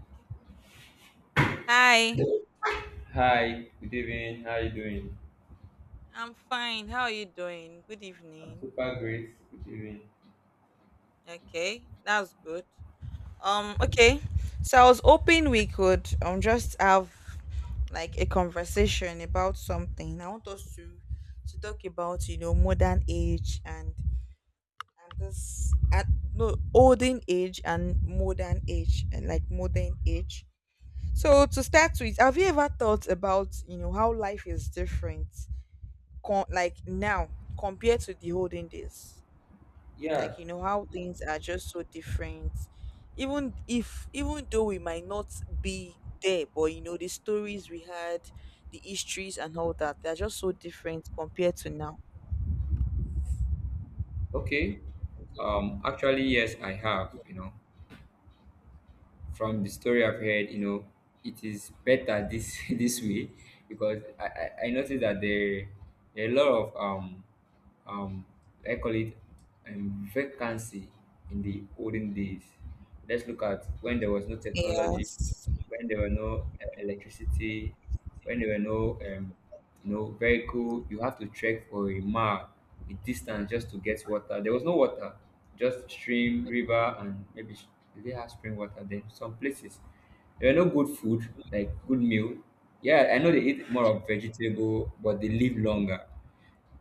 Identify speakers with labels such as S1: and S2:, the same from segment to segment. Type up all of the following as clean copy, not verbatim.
S1: Okay. Hi,
S2: Hi, good evening. How are you doing?
S1: I'm fine. How are you doing? Good
S2: I'm
S1: evening.
S2: super great. Good evening.
S1: Okay, that's good. Um, okay. So I was hoping we could just have like a conversation about something. I want us to talk about you know modern age and this at no olden age and modern age and like modern age. So to start with, have you ever thought about you know how life is different? Like now compared to the olden days,
S2: Yeah,
S1: like you know how things are just so different, even though we might not be there, but you know the stories we had, the histories and all that, they're just so different compared to now.
S2: okay. Actually, yes, I have. You know, from the story I've heard, you know, it is better this this way because I noticed that there are a lot of um, I call it vacancy in the olden days. Let's look at when there was no technology,
S1: Yes,
S2: when there were no electricity, when there were no you know vehicle. You have to trek for a mile, a distance just to get water. There was no water, just stream, river, and maybe did they have spring water then? Some places there were no good food like good meal. Yeah, I know they eat more of vegetable, but they live longer.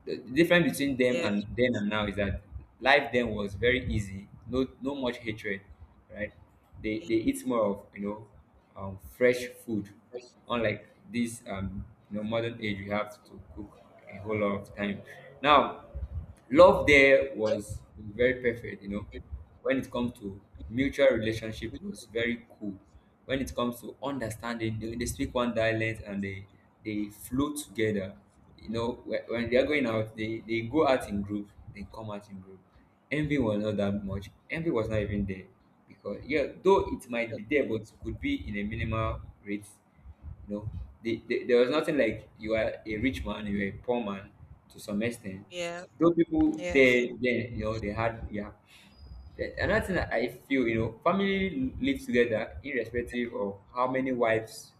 S2: The difference between them
S1: yeah,
S2: and then and now is that life then was very easy, no, no much hatred, right? They eat more of, you know, fresh food, unlike this you know modern age. You have to cook a whole lot of time now. Love there was very perfect, you know, when it comes to mutual relationship, it was very cool. When it comes to understanding, they speak one dialect and they flow together. You know, when they are going out, they go out in group, they come out in group. Envy was not that much, envy was not even there, because, yeah, though it might be there, but could be in a minimal rate. You know, there was nothing like you are a rich man, you are a poor man, to some extent,
S1: yeah,
S2: though people
S1: yes,
S2: there then, you know, they had, yeah. Then another thing that I feel, you know, family lives together irrespective of how many wives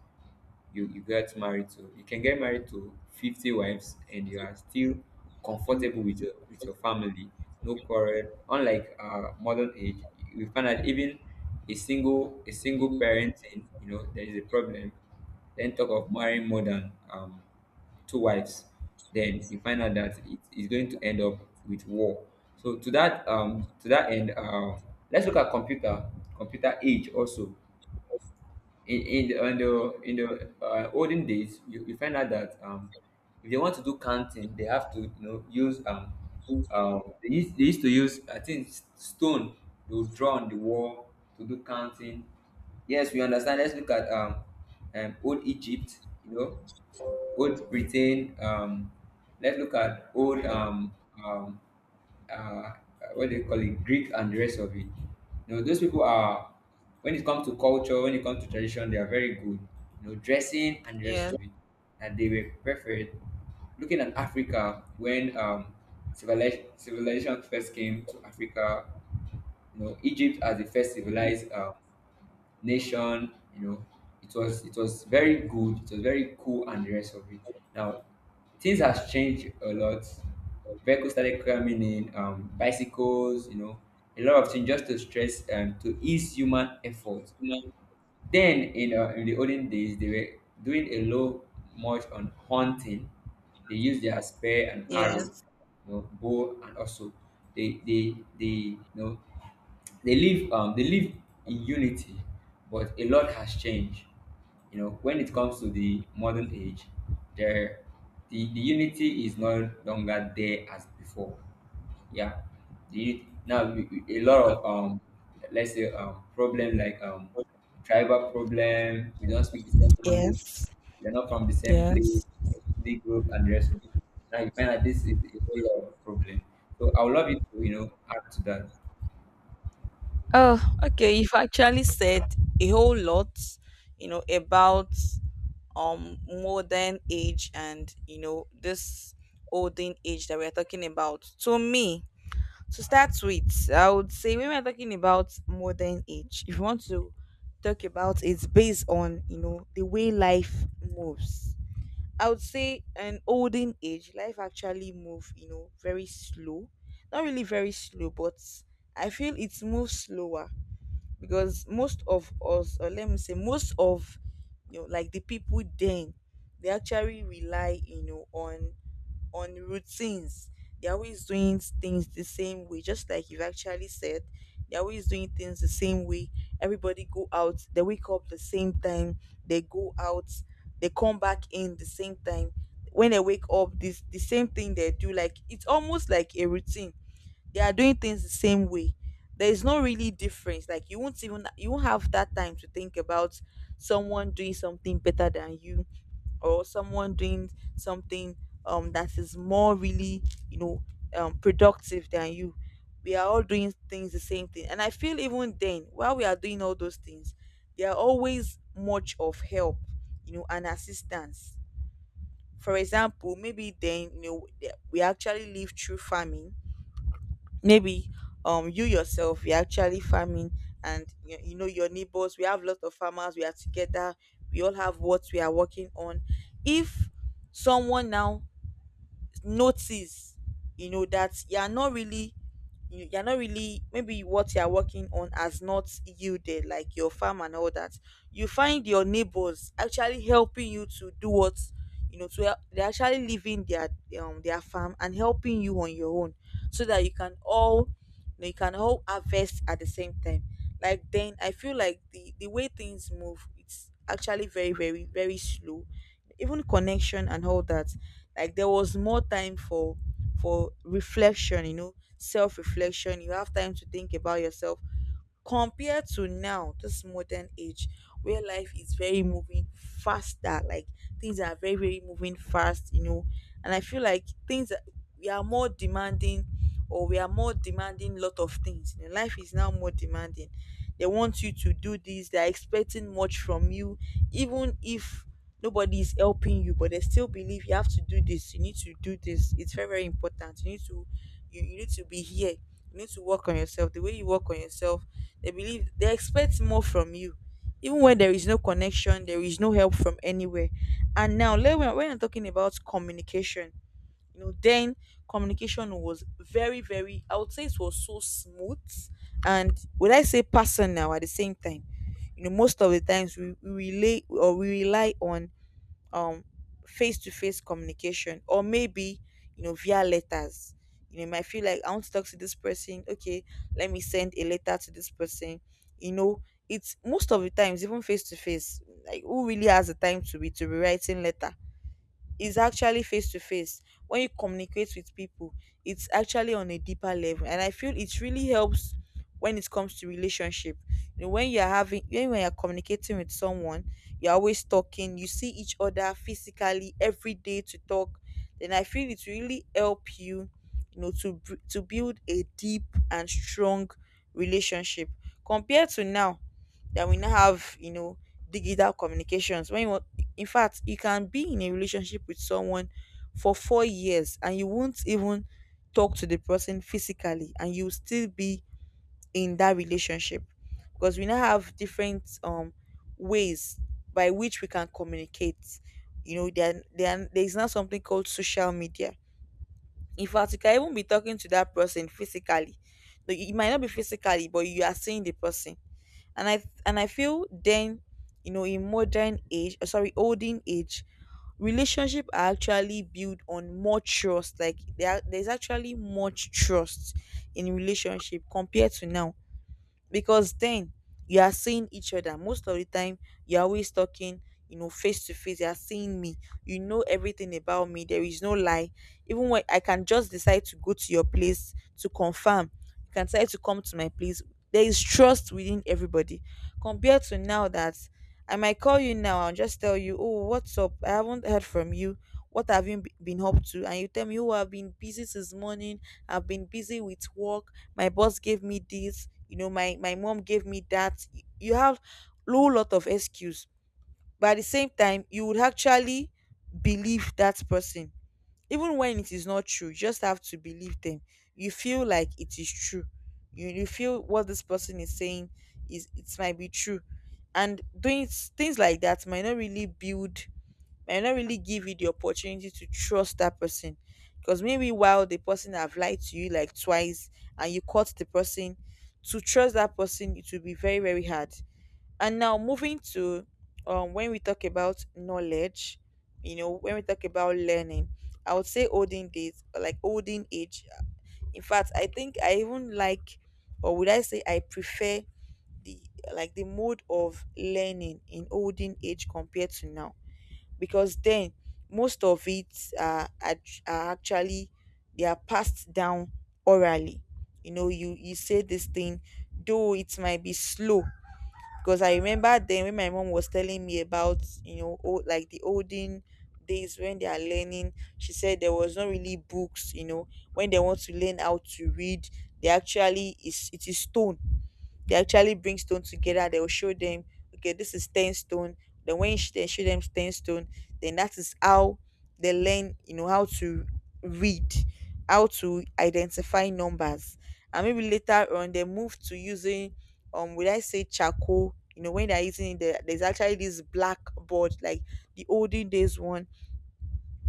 S2: you get married to. You can get married to 50 wives and you are still comfortable with your family. No quarrel. Unlike modern age, we find that even a single parenting, you know, there is a problem. Then talk of marrying more than two wives, then you find out that it is going to end up with war. So to that end, let's look at computer age also. In the in the, in the olden days, you find out that if they want to do counting, they have to you know use they used to use, I think, stone. They would draw on the wall to do counting. Yes, we understand. Let's look at old Egypt, you know, old Britain. Let's look at old um, uh, what do you call it, Greek and the rest of it. You know, those people are, when it comes to culture, when it comes to tradition, they are very good. You know, dressing and the rest
S1: yes,
S2: of it, and they were preferred. Looking at Africa, when civilization first came to Africa, you know, Egypt as the first civilized. Nation. You know, it was very good. It was very cool, and the rest of it. Now, things has changed a lot. Vehicles started coming in, bicycles. You know, a lot of things just to stress and to ease human effort. Then in the olden days, they were doing a low much on hunting. They used their spear and
S1: yes,
S2: arrow,
S1: yes,
S2: you know, bow, and also they you know they live in unity, but a lot has changed. You know, when it comes to the modern age, there the unity is no longer there as before. Yeah, now a lot of let's say problem like tribal problem. We don't speak the same language.
S1: yes,
S2: We're not from the same place,
S1: yes.
S2: ethnic group, and the rest of it. Now you find that this is a whole lot of problem. So I would love you to, you know, add to that.
S1: Oh, okay. You've actually said a whole lot, you know, about modern age and you know this olden age that we're talking about. To me, to start with, I would say when we're talking about modern age, if you want to talk about, it's based on you know the way life moves. I would say an olden age, life actually move, you know, very slow. Not really very slow, but I feel it moves slower because most of us, or let me say most of you know like the people then, they actually rely you know on routines. They're always doing things the same way, just like you've actually said. They're always doing things the same way. Everybody go out, they wake up the same time, they go out, they come back in the same time. When they wake up, this the same thing they do. Like it's almost like a routine. They are doing things the same way. There is no really difference. Like you won't even, you won't have that time to think about someone doing something better than you, or someone doing something that is more really, you know, productive than you. We are all doing things the same thing, and I feel even then, while we are doing all those things, they are always much of help, you know, and assistance. For example, maybe then, you know, we actually live through famine. Maybe you yourself, you're actually farming, and you know, your neighbors, we have lots of farmers, we are together, we all have what we are working on. If someone now notice, you know, that you're not really, you're not really, maybe what you're working on has not yielded, like your farm and all that, you find your neighbors actually helping you to do what, you know, to help. They're actually leaving their farm and helping you on your own, so that you can all, you know, you can all harvest at the same time. Like then I feel like the way things move, it's actually very, very, very slow. Even connection and all that, like there was more time for reflection, you know, self reflection. You have time to think about yourself compared to now, this modern age, where life is very moving faster. Like things are very, very moving fast, you know. And I feel like we are more demanding, or we are more demanding lot of things, you know, life is now more demanding. They want you to do this, they are expecting much from you. Even if nobody is helping you, but they still believe you have to do this, you need to do this, it's very, very important. You need to, you need to be here, you need to work on yourself. The way you work on yourself, they believe, they expect more from you, even when there is no connection, there is no help from anywhere. And now when, I'm talking about communication, you know, then communication was very, very, I would say it was so smooth, and would I say personal at the same time. You know, most of the times we relate or we rely on um face-to-face communication, or maybe, you know, via letters. You know, you might feel like I want to talk to this person, okay, let me send a letter to this person. You know, it's most of the times even face-to-face. Like who really has the time to be writing letter? Is actually face to face. When you communicate with people, it's actually on a deeper level, and I feel it really helps when it comes to relationship. You know, when you're having, when you're communicating with someone, you're always talking, you see each other physically every day to talk, then I feel it really help you, you know, to to build a deep and strong relationship. Compared to now that we now have, you know, digital communications. When you, in fact, you can be in a relationship with someone for 4 years and you won't even talk to the person physically, and you'll still be in that relationship, because we now have different ways by which we can communicate. You know, there is now something called social media. In fact, you can even be talking to that person physically. Though it might not be physically, but you are seeing the person. And I feel then, you know, in modern age, sorry, olden age, relationship are actually built on more trust. Like there's actually much trust in relationship compared to now. Because then, you are seeing each other most of the time, you're always talking, you know, face to face. You're seeing me, you know everything about me. There is no lie. Even when I can just decide to go to your place to confirm, you can decide to come to my place. There is trust within everybody. Compared to now that I might call you now and just tell you, oh, what's up, I haven't heard from you, what have you been up to, and you tell me, oh, I've been busy since morning, I've been busy with work, my boss gave me this, you know, my mom gave me that. You have low lot of excuse, but at the same time you would actually believe that person, even when it is not true. You just have to believe them, you feel like it is true. You feel what this person is saying is, it might be true. And doing things like that might not really build, might not really give you the opportunity to trust that person, because maybe while the person have lied to you like twice, and you caught the person, to trust that person, it will be very, very hard. And now moving to when we talk about knowledge, you know, when we talk about learning, I would say olden days, like olden age, in fact, I think I even like, or would I say I prefer the, like the mode of learning in olden age compared to now. Because then, most of it are, are, are actually, they are passed down orally. You know, you say this thing, though it might be slow. Because I remember then when my mom was telling me about, you know, old, like the olden days, when they are learning, she said there was not really books. You know, when they want to learn how to read, they actually is, it is stone. They actually bring stone together. They will show them, okay, this is 10 stone. Then when they show them 10 stone, then that is how they learn, you know, how to read, how to identify numbers. And maybe later on they move to using, would I say charcoal? You know, when they're using the, there's actually this black board like the olden days one,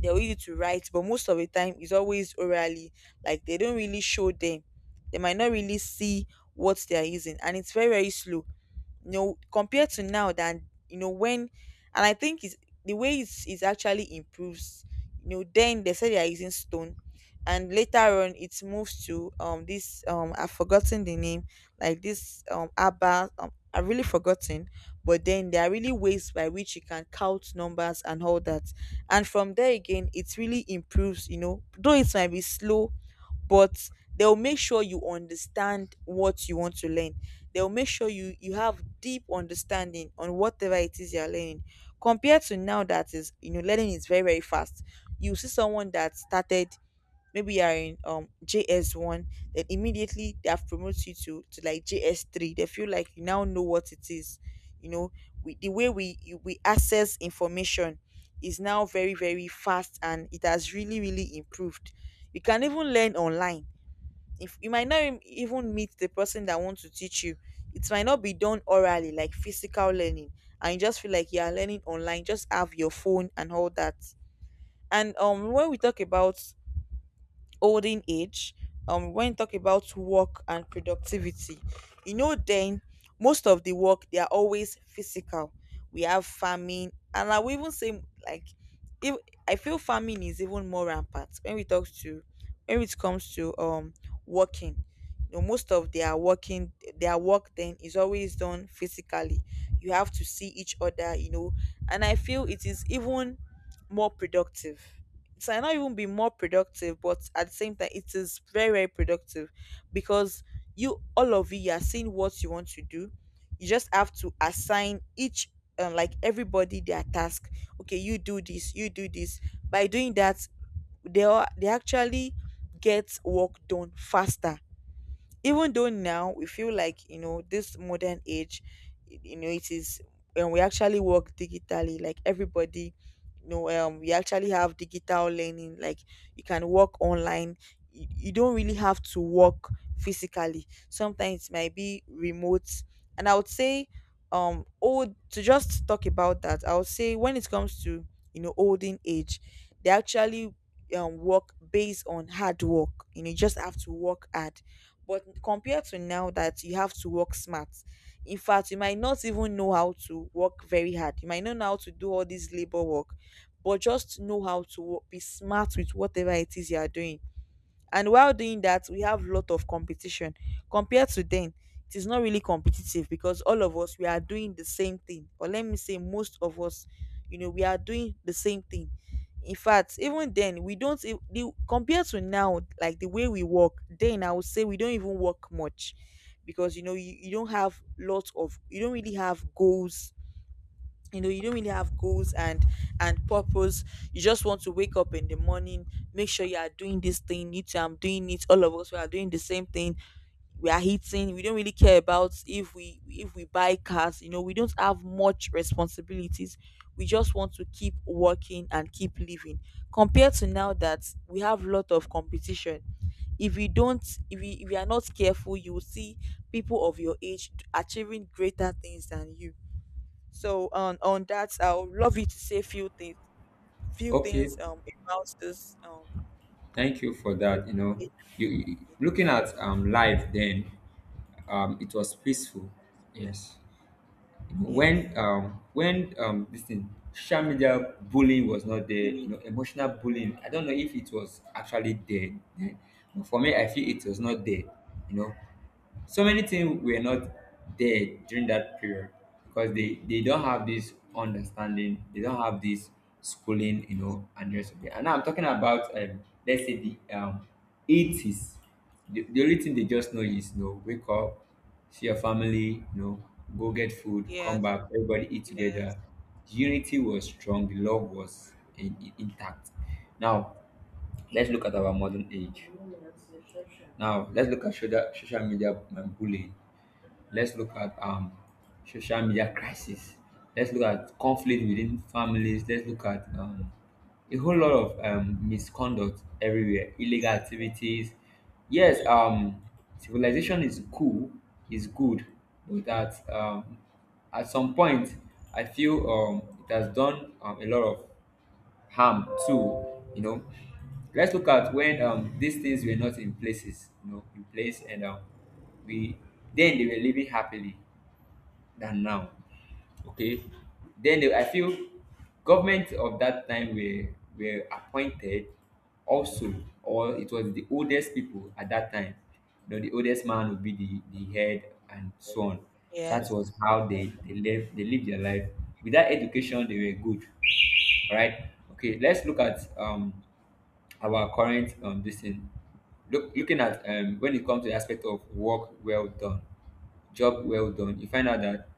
S1: they'll use it to write, but most of the time it's always orally. Like they don't really show them. They might not really see what they are using, and it's very very slow, you know, compared to now than, you know, when — and I think it's the way it's actually improves, you know. Then they said they are using stone, and later on it moves to this. I've forgotten the name, like this abba. I've really forgotten, but then there are really ways by which you can count numbers and all that. And from there again it really improves, you know, though it might be slow. But they'll make sure you understand what you want to learn. They'll make sure you have deep understanding on whatever it is you're learning, compared to now that is, you know, learning is very very fast. You see someone that started, maybe you're in js1, then immediately they have promoted you to like js3. They feel like you now know what it is, you know. We, the way we we access information is now very very fast, and it has really really improved. You can even learn online. If you might not even meet the person that wants to teach you, it might not be done orally like physical learning, and you just feel like you are learning online, just have your phone and all that. And when we talk about olden age, when you talk about work and productivity, you know, then most of the work they are always physical. We have farming, and I will even say, like, if — I feel farming is even more rampant when we talk to, when it comes to working, you know, most of their working, their work then is always done physically. You have to see each other, you know. And I feel it is even more productive. It might not even be more productive, but at the same time, it is very, very productive. Because you, all of you, you are seeing what you want to do. You just have to assign each, like everybody, their task. Okay, you do this, you do this. By doing that, they actually get work done faster, even though now we feel like, you know, this modern age, you know it is. And we actually work digitally, like everybody, you know. We actually have digital learning, like you can work online. You don't really have to work physically. Sometimes it might be remote. And I would say, old — to just talk about that, I would say when it comes to, you know, olden age, they actually work based on hard work. You know, you just have to work hard. But compared to now that you have to work smart — in fact, you might not even know how to work very hard. You might not know how to do all this labor work, but just know how to be smart with whatever it is you are doing. And while doing that, we have lot of competition compared to then. It is not really competitive because all of us we are doing the same thing, or let me say most of us, you know, we are doing the same thing. In fact, even then, we don't compared to now, like the way we work then, I would say we don't even work much. Because, you know, you don't have lots of — you don't really have goals, you know. You don't really have goals and purpose. You just want to wake up in the morning, make sure you are doing this thing, you too I'm doing it, all of us we are doing the same thing. We are hitting — we don't really care about if we, if we buy cars, you know. We don't have much responsibilities. We just want to keep working and keep living, compared to now that we have lot of competition. If you don't — if you are not careful, you will see people of your age achieving greater things than you. So on that, I would love you to say few
S2: Okay,
S1: things about this
S2: thank you for that. You know,
S1: age- age.
S2: looking at life then, it was peaceful. Yes. You know,
S1: Yes,
S2: when this thing social media bullying was not there. You
S1: yes,
S2: know, emotional bullying, I don't know if it was actually there then, but for me I feel it was not there. You know, so many things were not there during that period because they don't have this understanding, they don't have this schooling, you know, and the rest of it. And now I'm talking about, let's say, the 80s. The only thing they just know is, you know, wake up, see your family, you know, go get food, come back, everybody eat together.
S1: yes,
S2: Unity was strong, the love was intact. Now let's look at our modern age. Now let's look at social media and bullying. Let's look at social media crisis. Let's look at conflict within families. Let's look at a whole lot of misconduct everywhere, illegal activities. Yes, civilization is cool, is good, but that, at some point, I feel, it has done, a lot of harm too, you know. Let's look at when these things were not in places, you know, in place. And we then they were living happily than now. Okay, then, I feel government of that time were appointed also, or it was the oldest people at that time. You know, the oldest man would be the head and so on. That
S1: yes,
S2: was how they lived, they lived their life. Without education, they were good. All right. Okay. Let's look at our current this thing. Looking at, when it comes to the aspect of work well done, job well done, you find out that,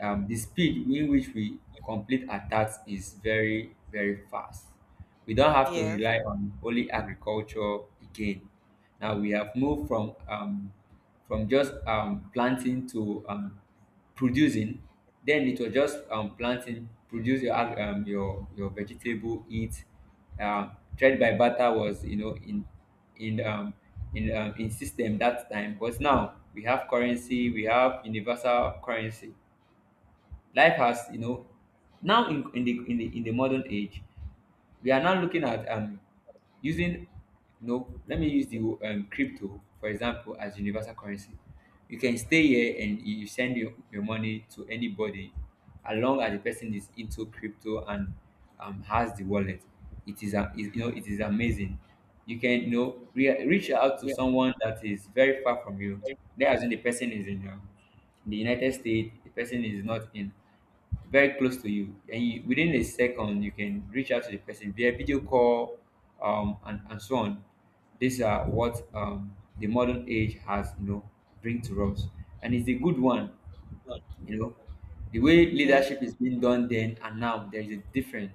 S2: the speed in which we complete our tasks is very very fast. We don't have to rely on only agriculture again. Now we have moved from just planting to producing. Then it was just planting, produce your your vegetable, eat. Trade by barter was, you know, in um, in system that time, but now we have currency, we have universal currency. Life has, you know, now in the modern age, we are now looking at using, you know, let me use the crypto for example as universal currency. You can stay here and you send your money to anybody as long as the person is into crypto and has the wallet. It is a you know, it is amazing. You can, you know, reach out to someone that is very far from you. Let us say the person is in the United States, the person is not in very close to you, and you, within a second, you can reach out to the person via video call, and so on. These are what, the modern age has, you know, bring to us, and it's a good one. You know, the way
S1: yes.
S2: leadership is being done then and now, there is a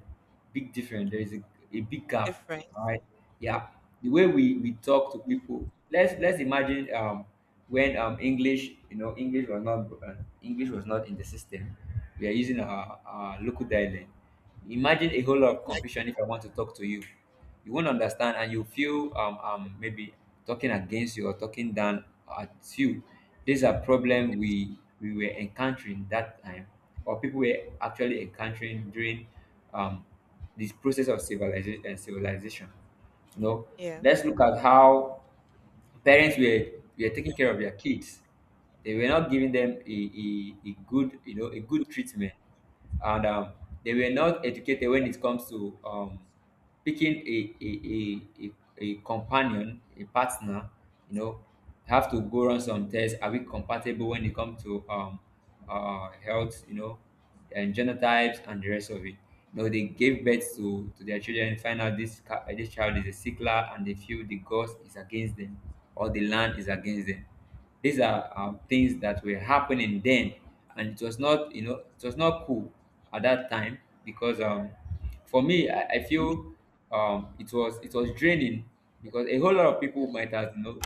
S2: big difference. There is a big gap.
S1: Different.
S2: All right.
S1: Eh,
S2: Yeah. The way we talk to people. Let's imagine, when English, you know, English was not in the system. We are using our local dialect. Imagine a whole lot of confusion. If I want to talk to you, you won't understand and you feel, maybe talking against you or talking down at you. These are problem we were encountering that time, or people were actually encountering during um this process of civilization, you know. Let's
S1: yes,
S2: look at how parents were taking care of their kids. They were not giving them a good, you know, a good treatment, and they were not educated when it comes to, picking a companion, a partner, you know. Have to go run some tests. Are we compatible when it comes to, health, you know, and genotypes and the rest of it? You know, they gave birth to their children, find out this, this child is a sickler, and they feel the gods is against them or the land is against them. These are, things that were happening then, and it was not, you know, it was not cool at that time, because, for me, I feel, it was draining, because a whole lot of people might have, you know,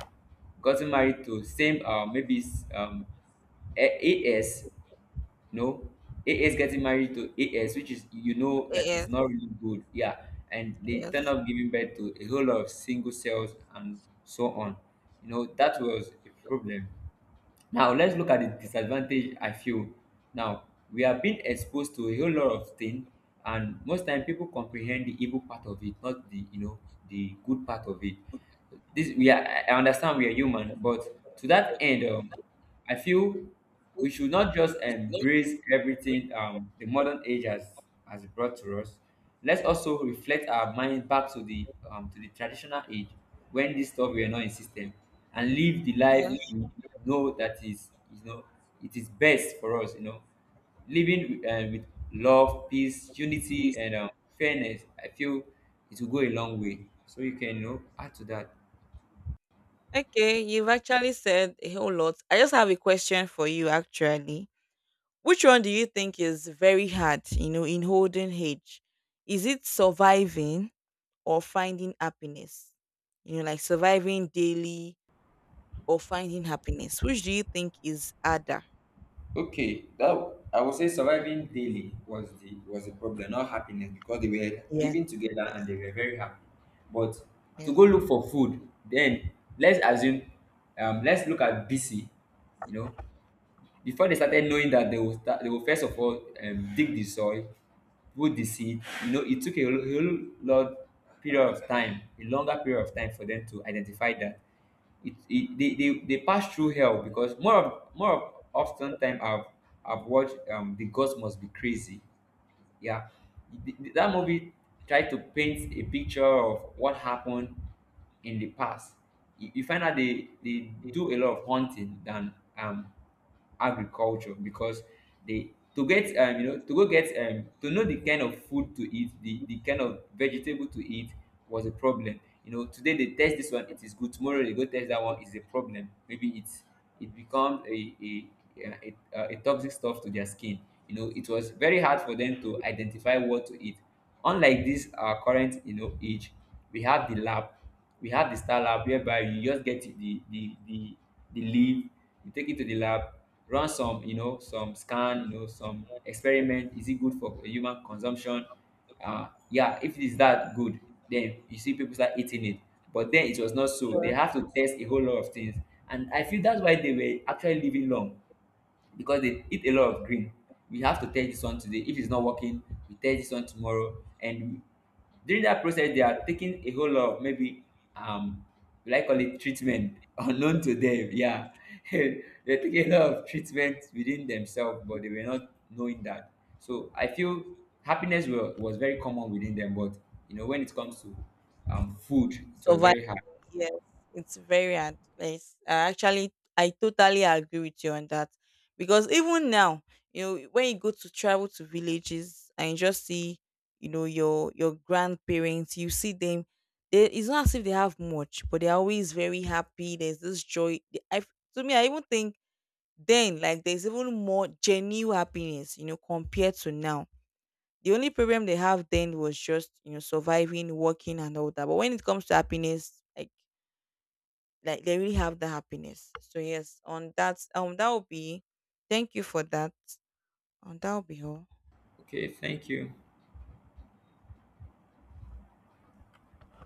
S2: gotten married to same maybe AS, no, AS getting married to AS, which is, you know,
S1: eh,
S2: that is
S1: yes,
S2: not really good, yeah. And they turn
S1: yes,
S2: up giving birth to a whole lot of single cells and so on. You know that was a problem. Now let's look at the disadvantage I feel. Now we are being exposed to a whole lot of things, and most time people comprehend the evil part of it, not the the good part of it. This we are. I understand we are human, but to that end, I feel we should not just embrace everything the modern age has brought to us. Let's also reflect our mind back to the traditional age when this stuff were not in system and live the life
S1: yes.
S2: we know it is best for us, you know. Living with love, peace, unity and fairness, I feel it will go a long way. So you can, you know, add to that.
S1: Okay, you've actually said a whole lot. I just have a question for you, actually. Which one do you think is very hard, you know, in holding age? Is it surviving or finding happiness? You know, like surviving daily or finding happiness. Which do you think is harder?
S2: Okay, that I would say surviving daily was the problem, not happiness, because they were
S1: Yes,
S2: living together and
S1: yes,
S2: they were very happy. But to
S1: yes.
S2: go look for food, then let's assume, let's look at BC, you know, before they started knowing that they will start, they will first of all, dig the soil, put the seed. You know, it took a whole lot period of time, a longer period of time for them to identify that. They pass through hell because more of often time I've watched The Gods Must Be Crazy. Yeah. That movie tried to paint a picture of what happened in the past. You you find out they do a lot of hunting than agriculture because they, to get you know, to go get to know the kind of food to eat, the kind of vegetable to eat was a problem. You know, today they test this one, it is good; tomorrow they go test that one, is a problem. Maybe it's, it becomes a toxic stuff to their skin. You know, it was very hard for them to identify what to eat. Unlike this current, you know, age, we have the lab, we have the star lab, whereby you just get the leaf, you take it to the lab, run some, you know, some scan, you know, some experiment. Is it good for human consumption? Yeah, if it is that good, then you see people start eating it. But then it was not so. They
S1: Yeah.
S2: have to test a whole lot of things. And I feel that's why they were actually living long because they eat a lot of green. We have to test this one today. If it's not working, we test this one tomorrow. And during that process, they are taking a whole lot of maybe um like, call it treatment unknown to them. Yeah. They're taking a lot of treatment within themselves, but they were not knowing that. So I feel happiness was very common within them, but you know, when it comes to food, it was
S1: Survive.
S2: very hard.
S1: Yes, it's very hard. Yes, I actually, I totally agree with you on that, because even now, you know, when you go to travel to villages and you just see, you know, your grandparents, you see them. They, it's not as if they have much, but they're always very happy. There's this joy. They- I, to me, I even think then, like, there's even more genuine happiness, you know, compared to now. The only problem they have then was just, you know, surviving, working, and all that. But when it comes to happiness, like they really have the happiness. So yes, on that, that will be. Thank you for that. That will be all.
S2: Okay, thank you.